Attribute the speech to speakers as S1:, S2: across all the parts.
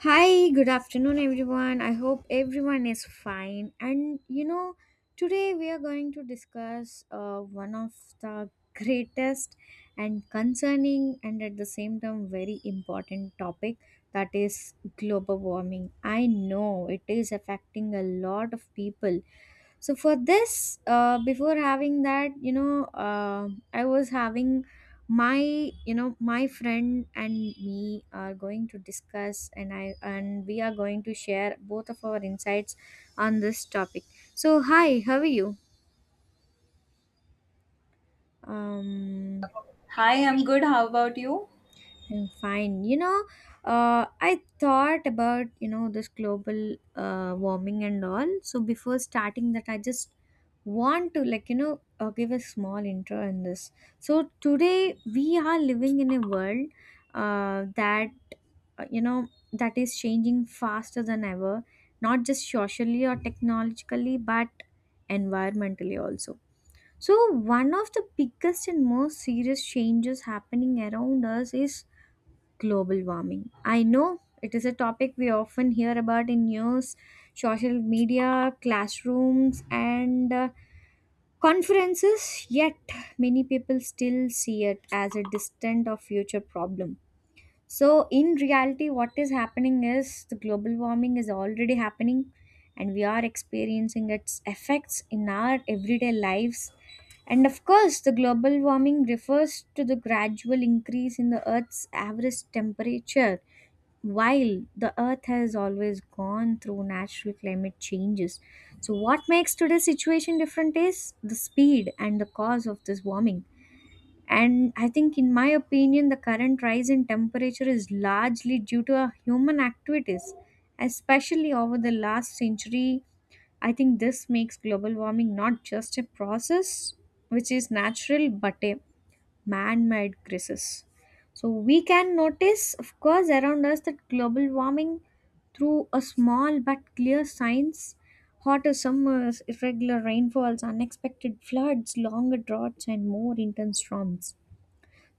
S1: Hi, good afternoon, everyone. I hope everyone is fine. Today we are going to discuss one of the greatest and concerning and at the same time very important topic, that is global warming. I know it is affecting a lot of people. So, for this, before having that, I was having my you know my friend, and me are going to discuss, and we are going to share both of our insights on this topic. So hi, how are you? um
S2: Hi, I'm good. How about you?
S1: I'm fine. I thought about, this global warming and all. So before starting that, I just want to, give a small intro in this. So today we are living in a world uh, that, uh, you know, that is changing faster than ever, not just socially or technologically, but environmentally also. So one of the biggest and most serious changes happening around us is global warming. I know it is a topic we often hear about in news, social media, classrooms, and conferences, yet many people still see it as a distant or future problem. So, in reality, what is happening is the global warming is already happening, and we are experiencing its effects in our everyday lives. And of course, the global warming refers to the gradual increase in the Earth's average temperature. While the earth has always gone through natural climate changes, so what makes today's situation different is the speed and the cause of this warming. And I think, in my opinion, the current rise in temperature is largely due to our human activities, especially over the last century. I think this makes global warming not just a process which is natural, but a man made crisis. So, we can notice, of course, around us that global warming through a small but clear signs: hotter summers, irregular rainfalls, unexpected floods, longer droughts, and more intense storms.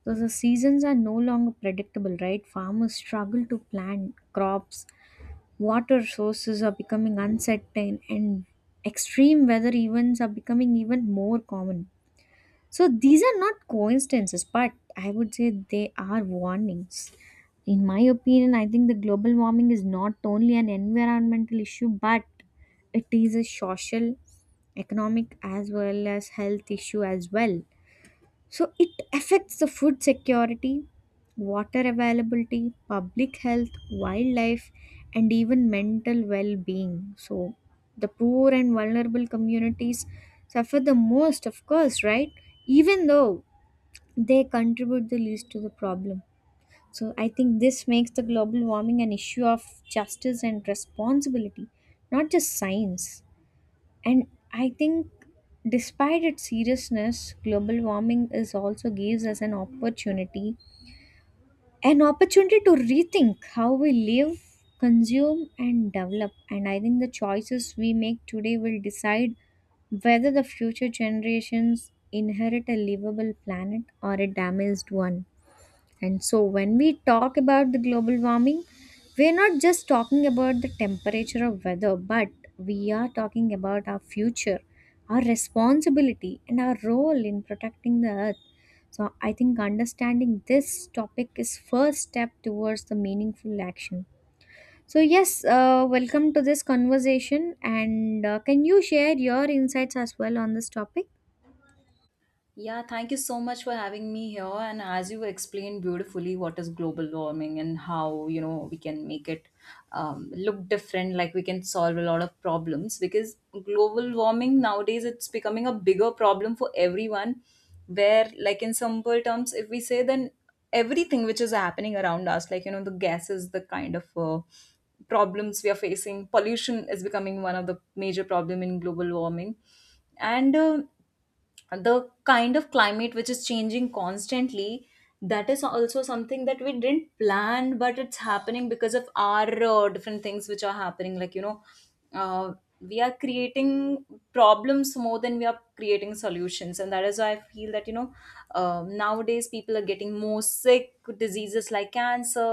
S1: So the seasons are no longer predictable, right? Farmers struggle to plan crops, water sources are becoming uncertain, and extreme weather events are becoming even more common. So these are not coincidences, but I would say they are warnings. In my opinion, I think the global warming is not only an environmental issue, but it is a social, economic, as well as health issue as well. So it affects the food security, water availability, public health, wildlife, and even mental well being. So the poor and vulnerable communities suffer the most, of course, right? Even though they contribute the least to the problem. So I think this makes the global warming an issue of justice and responsibility, not just science. And I think, despite its seriousness, global warming is also gives us an opportunity to rethink how we live, consume, and develop. And I think the choices we make today will decide whether the future generations inherit a livable planet or a damaged one. And so, when we talk about the global warming, we're not just talking about the temperature of weather, but we are talking about our future, our responsibility, and our role in protecting the earth. So, I think understanding this topic is first step towards the meaningful action. So, yes, welcome to this conversation, and can you share your insights as well on this topic?
S2: Yeah, thank you so much for having me here. And as you explained beautifully, what is global warming and how you know we can make it look different, like we can solve a lot of problems. Because global warming nowadays it's becoming a bigger problem for everyone. Where, like in simple terms, if we say then everything which is happening around us, like you know the gases, the kind of problems we are facing, pollution is becoming one of the major problem in global warming, and. The kind of climate which is changing constantly, that is also something that we didn't plan but it's happening because of our different things which are happening, like you know uh, we are creating problems more than we are creating solutions. And that is why I feel that you know, nowadays people are getting more sick, diseases like cancer,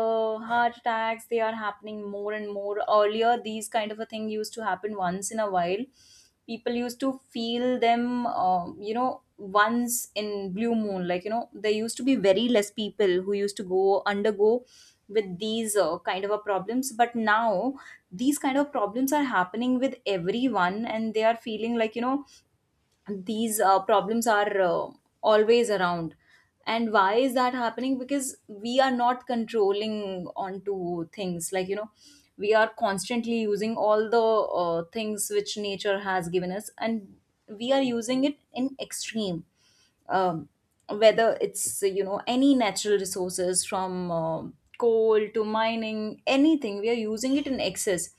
S2: heart attacks, they are happening more and more. Earlier these kind of a thing used to happen once in a while, people used to feel them, you know, once in blue moon. Like you know, there used to be very less people who used to go undergo with these kind of a problems, but now these kind of problems are happening with everyone and they are feeling like you know these problems are always around. And why is that happening? Because we are not controlling onto things, like you know we are constantly using all the things which nature has given us, and we are using it in extreme. um, Whether it's you know any natural resources, from coal to mining, anything we are using it in excess.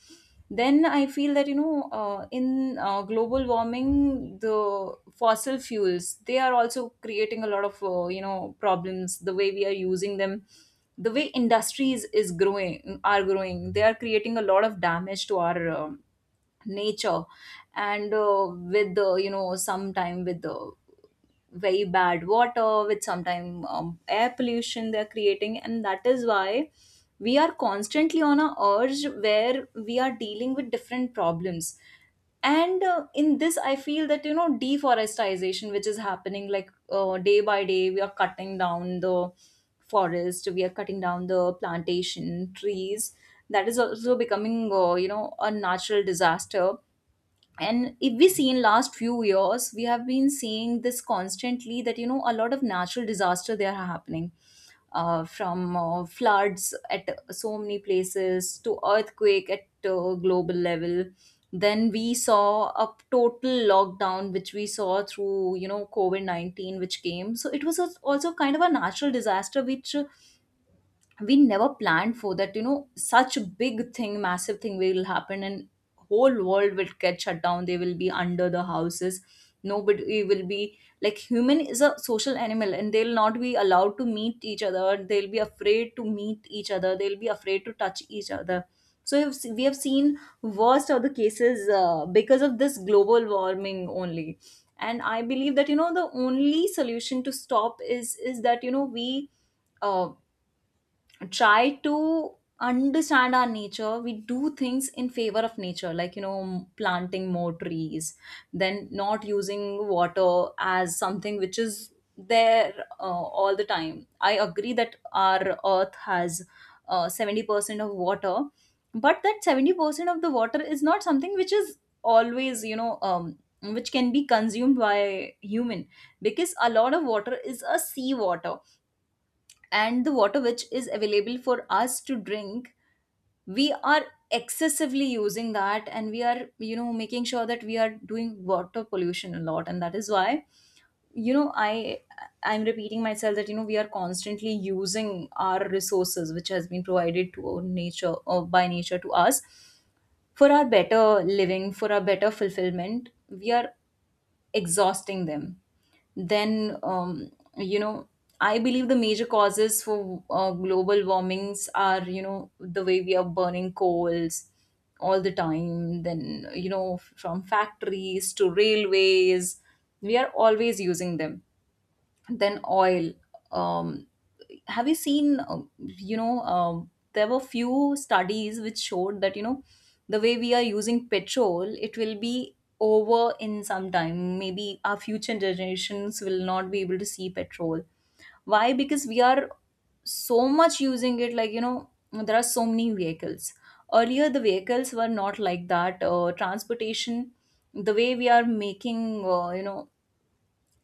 S2: Then I feel that you know, in global warming, the fossil fuels, they are also creating a lot of you know problems, the way we are using them. The way industries is growing, are growing, they are creating a lot of damage to our nature. And with the you know, sometime with the very bad water, with sometimes air pollution they're creating, and that is why we are constantly on a urge where we are dealing with different problems. And in this I feel that you know, deforestation which is happening, like day by day we are cutting down the forest, we are cutting down the plantation trees. That is also becoming you know a natural disaster. And if we see in last few years, we have been seeing this constantly that you know a lot of natural disaster they are happening, from floods at so many places to earthquake at global level. Then we saw a total lockdown which we saw through you know covid-19 which came, so it was also kind of a natural disaster, which we never planned for, that you know such a big thing, massive thing will happen, and whole world will get shut down, they will be under the houses, nobody will be. Like, human is a social animal, and they'll not be allowed to meet each other, they'll be afraid to meet each other, they'll be afraid to touch each other. So we have seen worst of the cases because of this global warming only. And I believe that you know the only solution to stop is that you know we uh, try to understand our nature, we do things in favor of nature, like you know planting more trees, then not using water as something which is there all the time. I agree that our earth has 70% of water, but that 70% of the water is not something which is always you know, which can be consumed by human, because a lot of water is a sea water. And the water which is available for us to drink, we are excessively using that, and we are you know making sure that we are doing water pollution a lot. And that is why you know, I'm repeating myself that you know we are constantly using our resources which has been provided to our nature or by nature to us, for our better living, for our better fulfillment, we are exhausting them. Then you know I believe the major causes for global warmings are you know the way we are burning coals all the time, then you know from factories to railways we are always using them. Then oil, um, have you seen, there were few studies which showed that you know the way we are using petrol, it will be over in some time. Maybe our future generations will not be able to see petrol. Why? Because we are so much using it, like you know there are so many vehicles. Earlier the vehicles were not like that. Transportation, the way we are making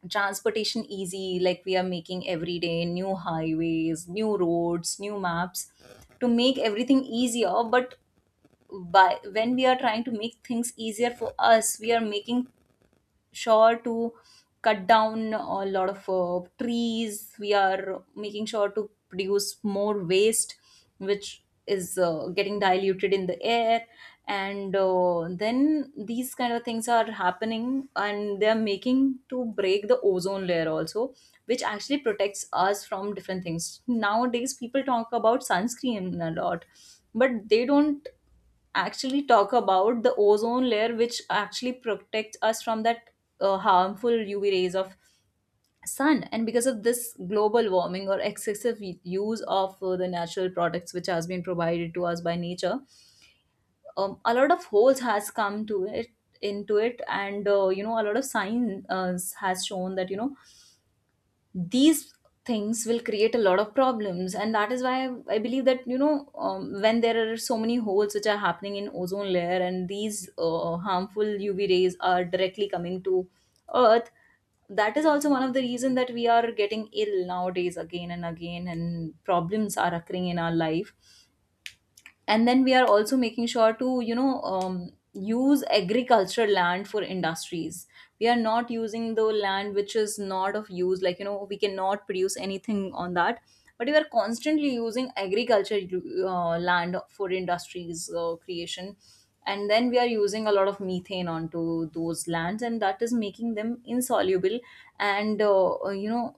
S2: transportation easy, like we are making every day new highways, new roads, new maps, to make everything easier. But by when we are trying to make things easier for us, we are making sure to cut down a lot of trees. We are making sure to produce more waste, which is getting diluted in the air. And then these kind of things are happening, and they're making to break the ozone layer also, which actually protects us from different things. Nowadays, people talk about sunscreen a lot, but they don't actually talk about the ozone layer, which actually protects us from that harmful uv rays of sun. And because of this global warming or excessive use of the natural products which has been provided to us by nature, a lot of holes has come to it, into it. And you know a lot of science has shown that you know these things will create a lot of problems. And that is why I believe that you know, when there are so many holes which are happening in ozone layer, and these harmful uv rays are directly coming to earth, that is also one of the reason that we are getting ill nowadays again and again, and problems are occurring in our life. And then we are also making sure to you know, use agricultural land for industries. We are not using the land which is not of use, like you know we cannot produce anything on that, but we are constantly using agriculture land for industries creation. And then we are using a lot of methane onto those lands, and that is making them insoluble. And you know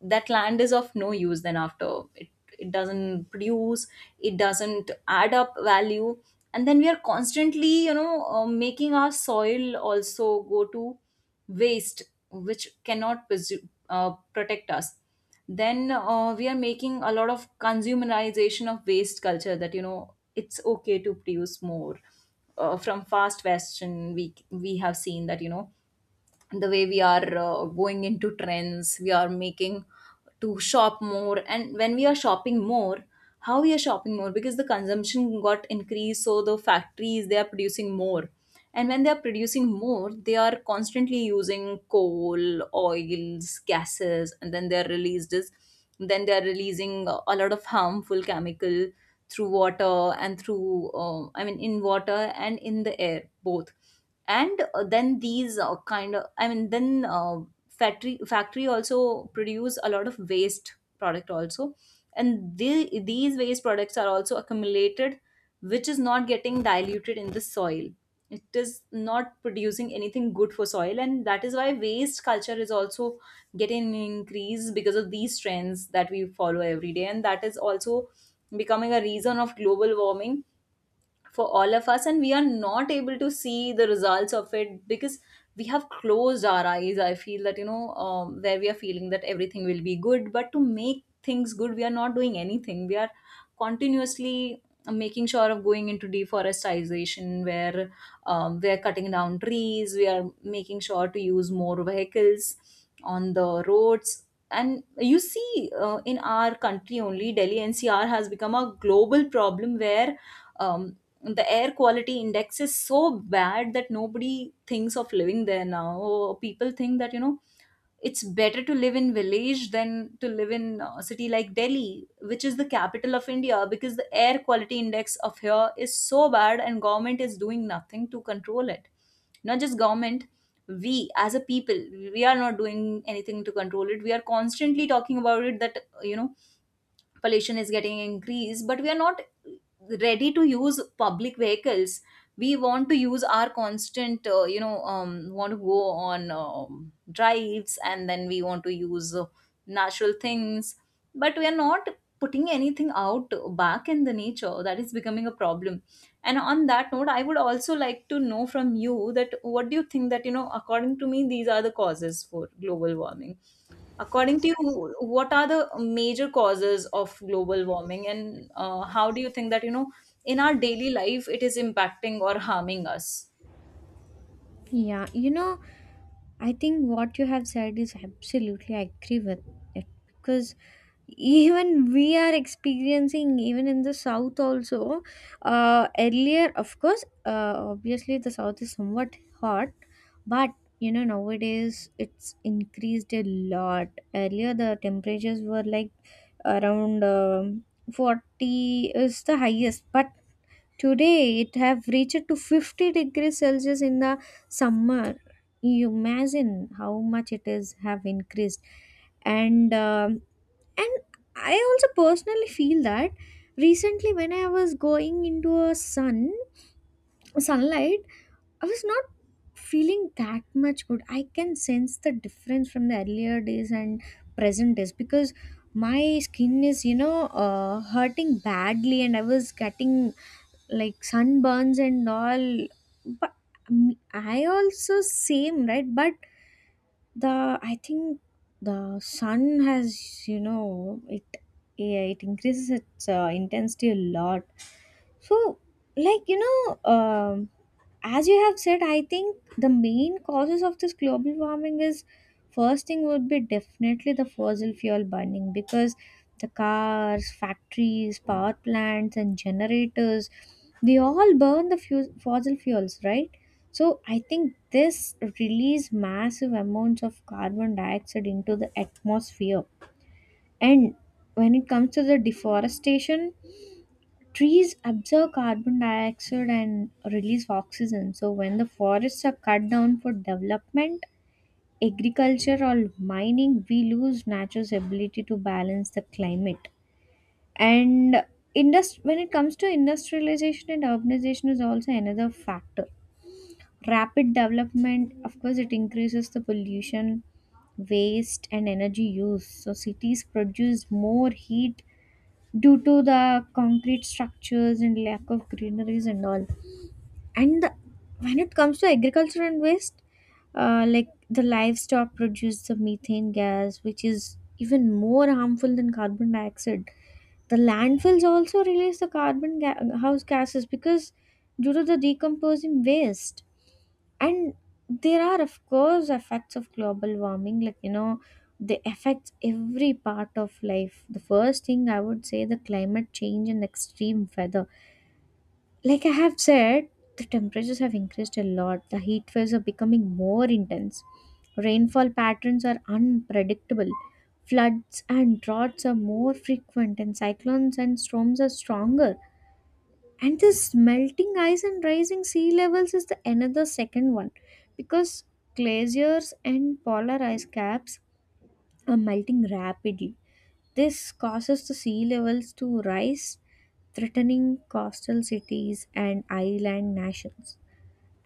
S2: that land is of no use then after it, it doesn't produce, it doesn't add up value. And then we are constantly you know making our soil also go to waste, which cannot protect us. Then we are making a lot of consumerization of waste culture, that you know it's okay to produce more. From fast fashion, we have seen that you know the way we are going into trends, we are making to shop more. And when we are shopping more, how we are shopping more, because the consumption got increased, so the factories they are producing more. And when they are producing more, they are constantly using coal, oils, gases, and then they are released as, then they are releasing a lot of harmful chemical through water and through in water and in the air both. And then these kind of I mean then factory factory also produce a lot of waste product also. And these waste products are also accumulated, which is not getting diluted in the soil, it is not producing anything good for soil. And that is why waste culture is also getting increased because of these trends that we follow every day, and that is also becoming a reason of global warming for all of us. And we are not able to see the results of it because we have closed our eyes, I feel that you know, where we are feeling that everything will be good, but to make things good we are not doing anything. We are continuously making sure of going into deforestation, where we are cutting down trees, we are making sure to use more vehicles on the roads. And you see in our country only, delhi ncr has become a global problem, where um, the air quality index is so bad that nobody thinks of living there now. Or people think that you know it's better to live in village than to live in a city like delhi, which is the capital of india, because the air quality index of here is so bad, and government is doing nothing to control it, not just government We as a people, we are not doing anything to control it. We are constantly talking about it that pollution is getting increased, but we are not ready to use public vehicles. We want to use our constant want to go on drives, and then we want to use natural things, but we are not putting anything out back in the nature. That is becoming a problem. And on that note, I would also like to know from you that what do you think that, according to me, these are the causes for global warming. According to you, what are the major causes of global warming, and how do you think that, in our daily life it is impacting or harming us?
S1: Yeah, you know, I think what you have said is absolutely I agree with it, because even we are experiencing even in the south also. Earlier, of course, obviously the south is somewhat hot, but you know, nowadays it's increased a lot. Earlier the temperatures were like around 40 is the highest, but today it have reached to 50 degrees Celsius in the summer. You imagine how much it is have increased. And and I also personally feel that recently when I was going into a sunlight, I was not feeling that much good. I can sense the difference from the earlier days and present days, because my skin is, you know, hurting badly, and I was getting like sunburns and all. But I also same, right? But the I think the sun has, you know, it, yeah, it increases its intensity a lot. So, like you know, as you have said, I think the main causes of this global warming is, first thing would be definitely the fossil fuel burning, because the cars, factories, power plants, and generators, they all burn the fossil fuels, right? So I think this release massive amounts of carbon dioxide into the atmosphere. And when it comes to the deforestation, trees absorb carbon dioxide and release oxygen. So, when the forests are cut down for development, agriculture, or mining, we lose nature's ability to balance the climate. And when it comes to industrialization and urbanization, is also another factor. Rapid development, of course, it increases the pollution, waste, and energy use. So, cities produce more heat due to the concrete structures and lack of greeneries and all. And the, when it comes to agriculture and waste, like the livestock produce the methane gas, which is even more harmful than carbon dioxide. The landfills also release the house gases because due to the decomposing waste. And there are of course effects of global warming, like you know, they affects every part of life. The first thing I would say, the climate change and extreme weather, like I have said, the temperatures have increased a lot, the heat waves are becoming more intense, rainfall patterns are unpredictable, floods and droughts are more frequent, and cyclones and storms are stronger. And this melting ice and rising sea levels is the another second one, because glaciers and polar ice caps are melting rapidly. This causes the sea levels to rise, threatening coastal cities and island nations.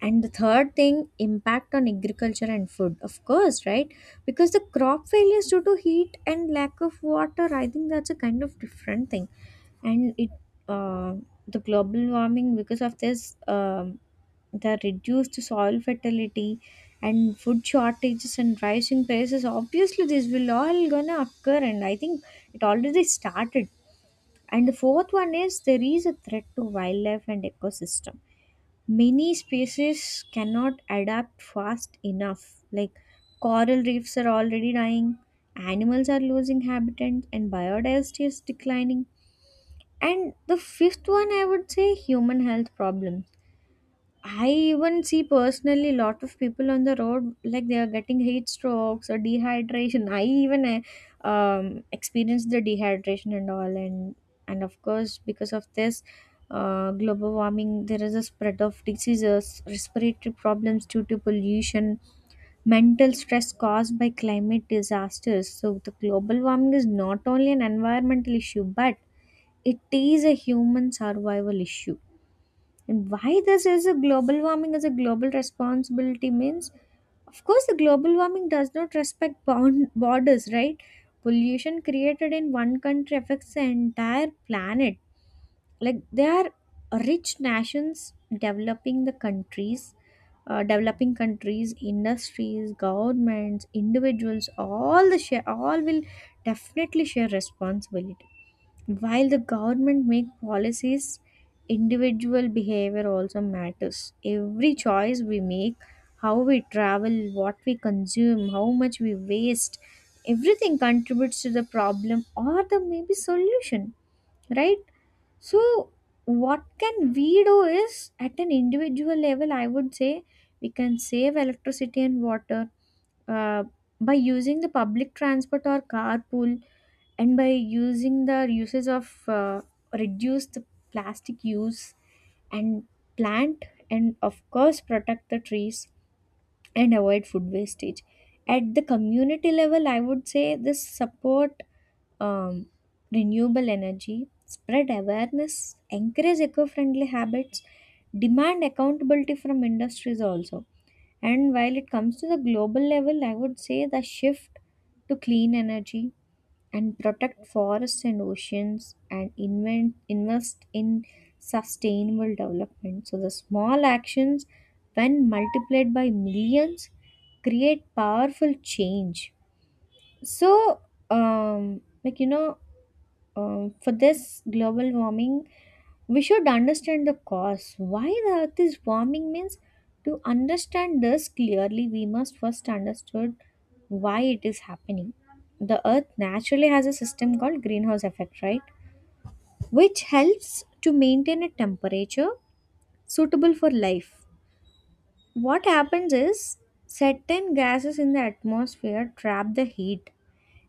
S1: And the third thing, impact on agriculture and food, of course, right? Because the crop failures due to heat and lack of water, I think that's a kind of different thing. And it, uh, the global warming because of this, the reduced soil fertility and food shortages and rising prices. Obviously, this will all gonna occur, and I think it already started. And the fourth one is, there is a threat to wildlife and ecosystem. Many species cannot adapt fast enough. Like coral reefs are already dying, animals are losing habitat, and biodiversity is declining. And the fifth one, I would say, human health problem. I even see personally lot of people on the road, like they are getting heat strokes or dehydration. I even experienced the dehydration and all. And of course because of this global warming, there is a spread of diseases, respiratory problems due to pollution, mental stress caused by climate disasters. So the global warming is not only an environmental issue, but it is a human survival issue. And why this is a global warming is a global responsibility means, of course, the global warming does not respect bound borders, right? Pollution created in one country affects the entire planet. Like there are rich nations, developing the countries, developing countries, industries, governments, individuals, all the share, all will definitely share responsibility. While the government make policies, individual behavior also matters. Every choice we make, how we travel, what we consume, how much we waste, everything contributes to the problem or the maybe solution, right? So what can we do is, at an individual level, I would say we can save electricity and water, uh, by using the public transport or carpool, and by using the uses of uh, reduce the plastic use, and plant, and of course protect the trees, and avoid food wastage. At the community level, I would say this support um, renewable energy, spread awareness, encourage eco-friendly habits, demand accountability from industries also. And while it comes to the global level, I would say the shift to clean energy, and protect forests and oceans, and invest in sustainable development. So, the small actions, when multiplied by millions, create powerful change. So, um, like you know, for this global warming, we should understand the cause. Why the earth is warming means, to understand this clearly, we must first understand why it is happening. The earth naturally has a system called greenhouse effect, right? Which helps to maintain a temperature suitable for life. What happens is, certain gases in the atmosphere trap the heat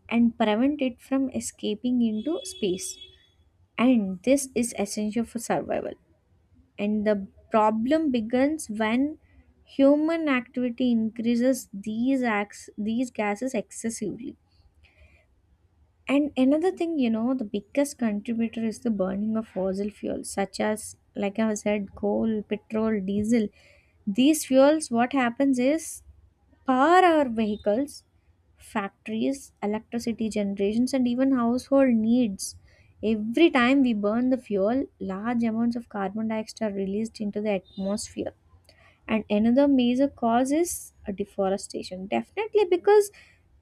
S1: and prevent it from escaping into space, and this is essential for survival. And the problem begins when human activity increases these acts, these gases excessively. And another thing, you know, the biggest contributor is the burning of fossil fuels, such as, like I said, coal, petrol, diesel. These fuels, what happens is, power our vehicles, factories, electricity generations, and even household needs. Every time we burn the fuel, large amounts of carbon dioxide are released into the atmosphere. And another major cause is deforestation. Definitely, because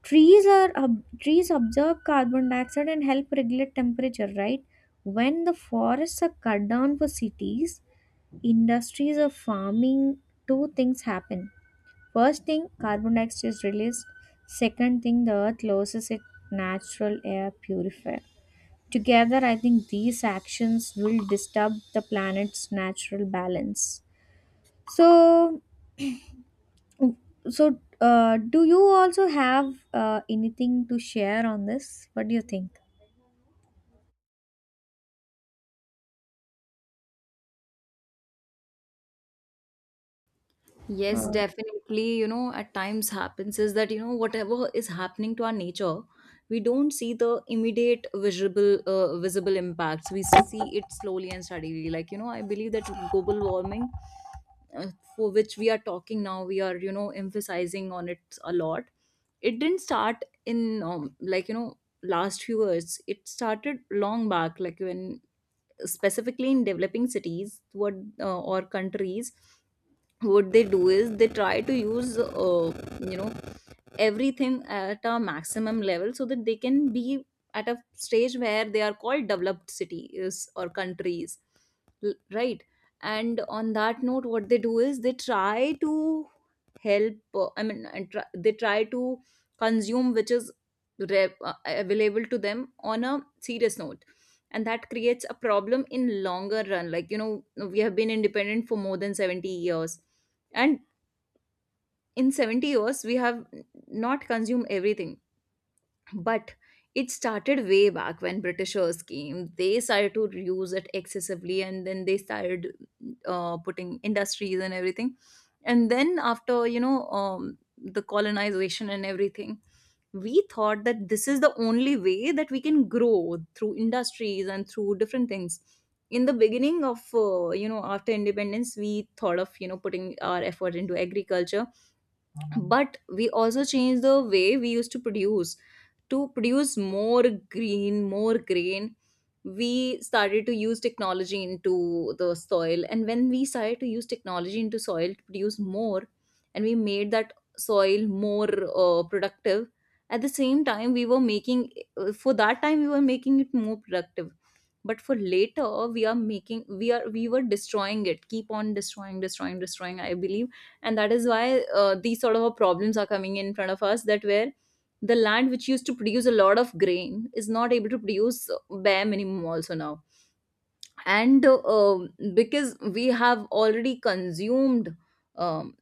S1: trees absorb carbon dioxide and help regulate temperature, right? When the forests are cut down for cities, industries, or farming, two things happen. First thing, carbon dioxide is released. Second thing, the earth loses its natural air purifier. Together, I think these actions will disturb the planet's natural balance. So, do you also have anything to share on this? What do you think? Uh,
S2: Yes, definitely. You know, at times happens is that, you know, whatever is happening to our nature, we don't see the immediate visible impacts. We see it slowly and steadily. Like, you know, I believe that global warming, uh, for which we are talking now, we are, you know, emphasizing on it a lot. It didn't start in like, you know, last few years. It started long back, like when specifically in developing cities, what or countries, what they do is they try to use you know everything at a maximum level so that they can be at a stage where they are called developed cities or countries, right. And on that note, what they do is they try to help they try to consume which is available to them on a serious note, and that creates a problem in longer run. Like, you know, we have been independent for more than 70 years, and in 70 years we have not consumed everything. But it started way back when britishers came. They started to use it excessively, and then they started putting industries and everything. And then after, you know, the colonization and everything, we thought that this is the only way that we can grow, through industries and through different things. In the beginning of, you know, after independence, we thought of, you know, putting our effort into agriculture. But we also changed the way we used to produce, to produce more green, more grain. We started to use technology into the soil. And when we started to use technology into soil to produce more, and we made that soil more productive, at the same time, we were making, for that time, we were making it more productive. But for later, we are making, we are, we were destroying it, keep on destroying, destroying, destroying, I believe. And that is why these sort of problems are coming in front of us, that where the land which used to produce a lot of grain is not able to produce bare minimum also now. And because we have already consumed, um,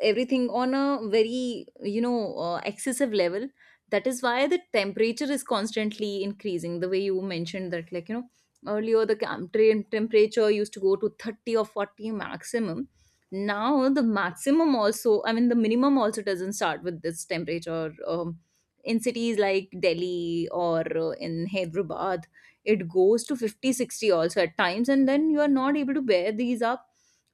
S2: everything on a very, you know, excessive level, that is why the temperature is constantly increasing, the way you mentioned. That, like, you know, earlier the temperature used to go to 30 or 40 maximum. Now the maximum also, I mean the minimum also, doesn't start with this temperature, in cities like delhi or in hyderabad. It goes to 50, 60 also at times, and then you are not able to bear these up,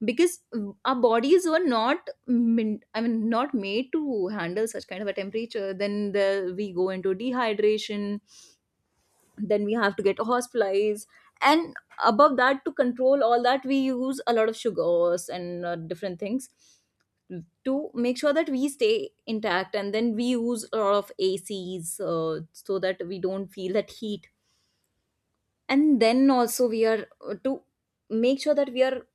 S2: because our bodies were not min- I mean not made to handle such kind of a temperature. Then the, we go into dehydration, then we have to get hospitalized. And above that, to control all that, we use a lot of sugars and different things to make sure that we stay intact. And then we use a lot of acs, so that we don't feel that heat. And then also we are to make sure that we are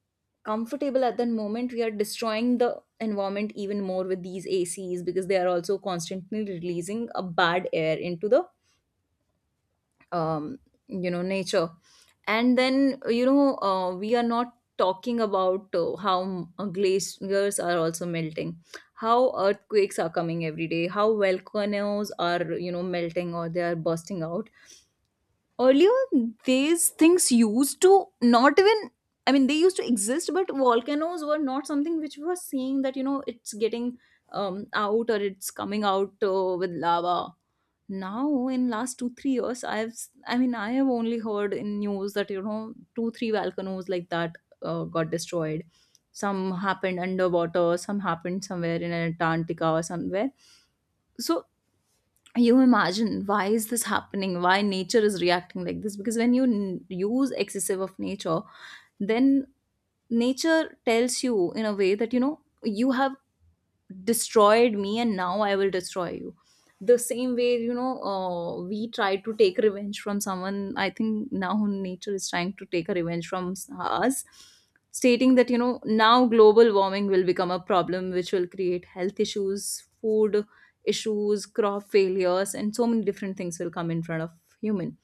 S2: comfortable at that moment, we are destroying the environment even more with these acs, because they are also constantly releasing a bad air into the, um, you know, nature. And then, you know, we are not talking about how glaciers are also melting, how earthquakes are coming every day, how volcanoes are, you know, melting, or they are bursting out. Earlier these things used to not even, I mean they used to exist, but volcanoes were not something which we were seeing, that, you know, it's getting out, or it's coming out with lava. Now in last 2-3 years, I mean I have only heard in news that, you know, 2-3 volcanoes like that got destroyed. Some happened underwater, some happened somewhere in antarctica or somewhere. So you imagine, why is this happening, why nature is reacting like this? Because when you use excessive of nature, then nature tells you in a way that, you know, you have destroyed me and now I will destroy you. The same way, you know, we try to take revenge from someone, I think now nature is trying to take a revenge from us, stating that, you know, now global warming will become a problem, which will create health issues, food issues, crop failures, and so many different things will come in front of human.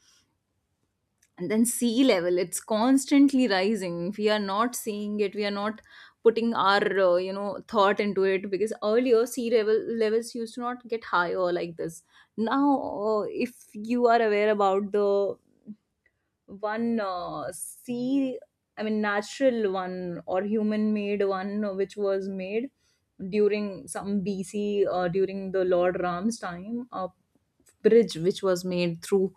S2: And then sea level, it's constantly rising. We are not seeing it, we are not putting our, you know, thought into it, because earlier sea level levels used to not get higher like this. Now if you are aware about the one sea, I mean natural one or human made one, which was made during some bc, during the lord ram's time, a bridge which was made through,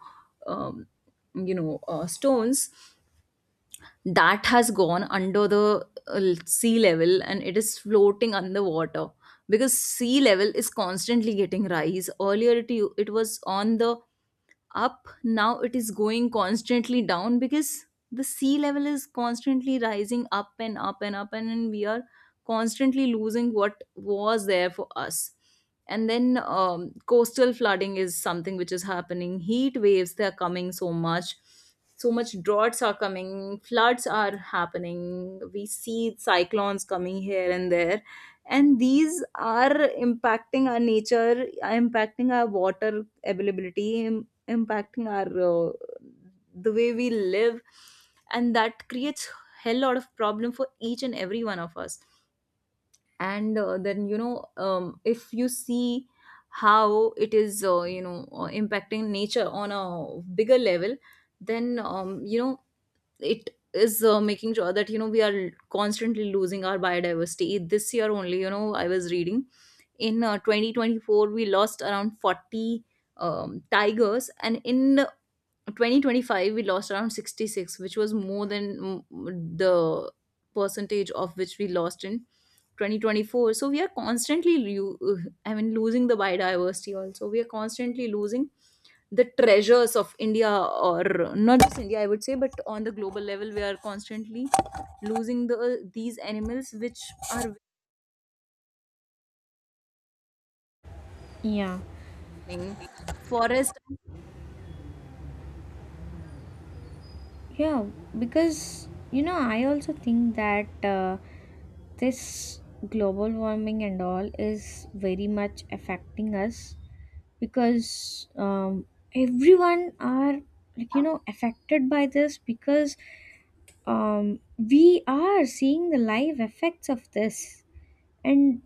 S2: um, you know, stones, that has gone under the sea level, and it is floating underwater, because sea level is constantly getting rise. Earlier it was on the up, now it is going constantly down, because the sea level is constantly rising up and up and up, and we are constantly losing what was there for us. And then, coastal flooding is something which is happening. Heat waves, they are coming so much. So much droughts are coming, floods are happening. We see cyclones coming here and there, and these are impacting our nature, are impacting our water availability, impacting our, the way we live. And that creates hell lot of problem for each and every one of us. And then, you know, if you see how it is you know, impacting nature on a bigger level, then, you know, it is making sure that, you know, we are constantly losing our biodiversity. This year only, you know, I was reading, in 2024 we lost around 40 tigers, and in 2025 we lost around 66, which was more than the percentage of which we lost in 2024. So we are constantly I mean losing the biodiversity also. We are constantly losing the treasures of india, or not just india, I would say, but on the global level we are constantly losing the these animals which are
S1: yeah.
S2: winning forest
S1: Yeah, because you know, I also think that this global warming and all is very much affecting us, because everyone are, like you know, affected by this, because we are seeing the live effects of this. And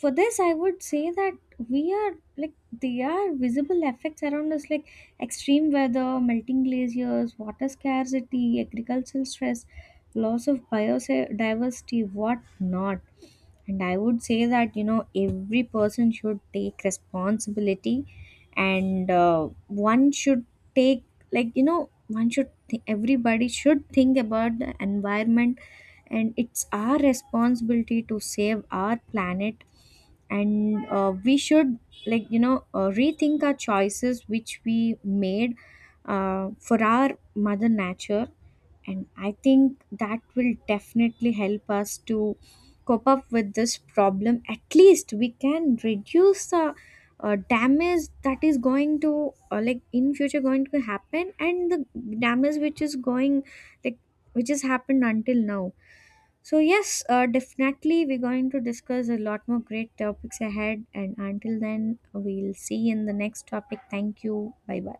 S1: for this I would say that we are like, they are visible effects around us, like extreme weather, melting glaciers, water scarcity, agricultural stress, loss of biodiversity, what not. And I would say that, you know, every person should take responsibility, and one should take, like you know, one should, everybody should think about the environment, and it's our responsibility to save our planet. And we should, rethink our choices which we made for our mother nature. And I think that will definitely help us to cope up with this problem. At least we can reduce the damage that is going to, like, in future going to happen, and the damage which is going, like, which has happened until now. So yes, definitely we're going to discuss a lot more great topics ahead, and until then we'll see in the next topic. Thank you, bye bye.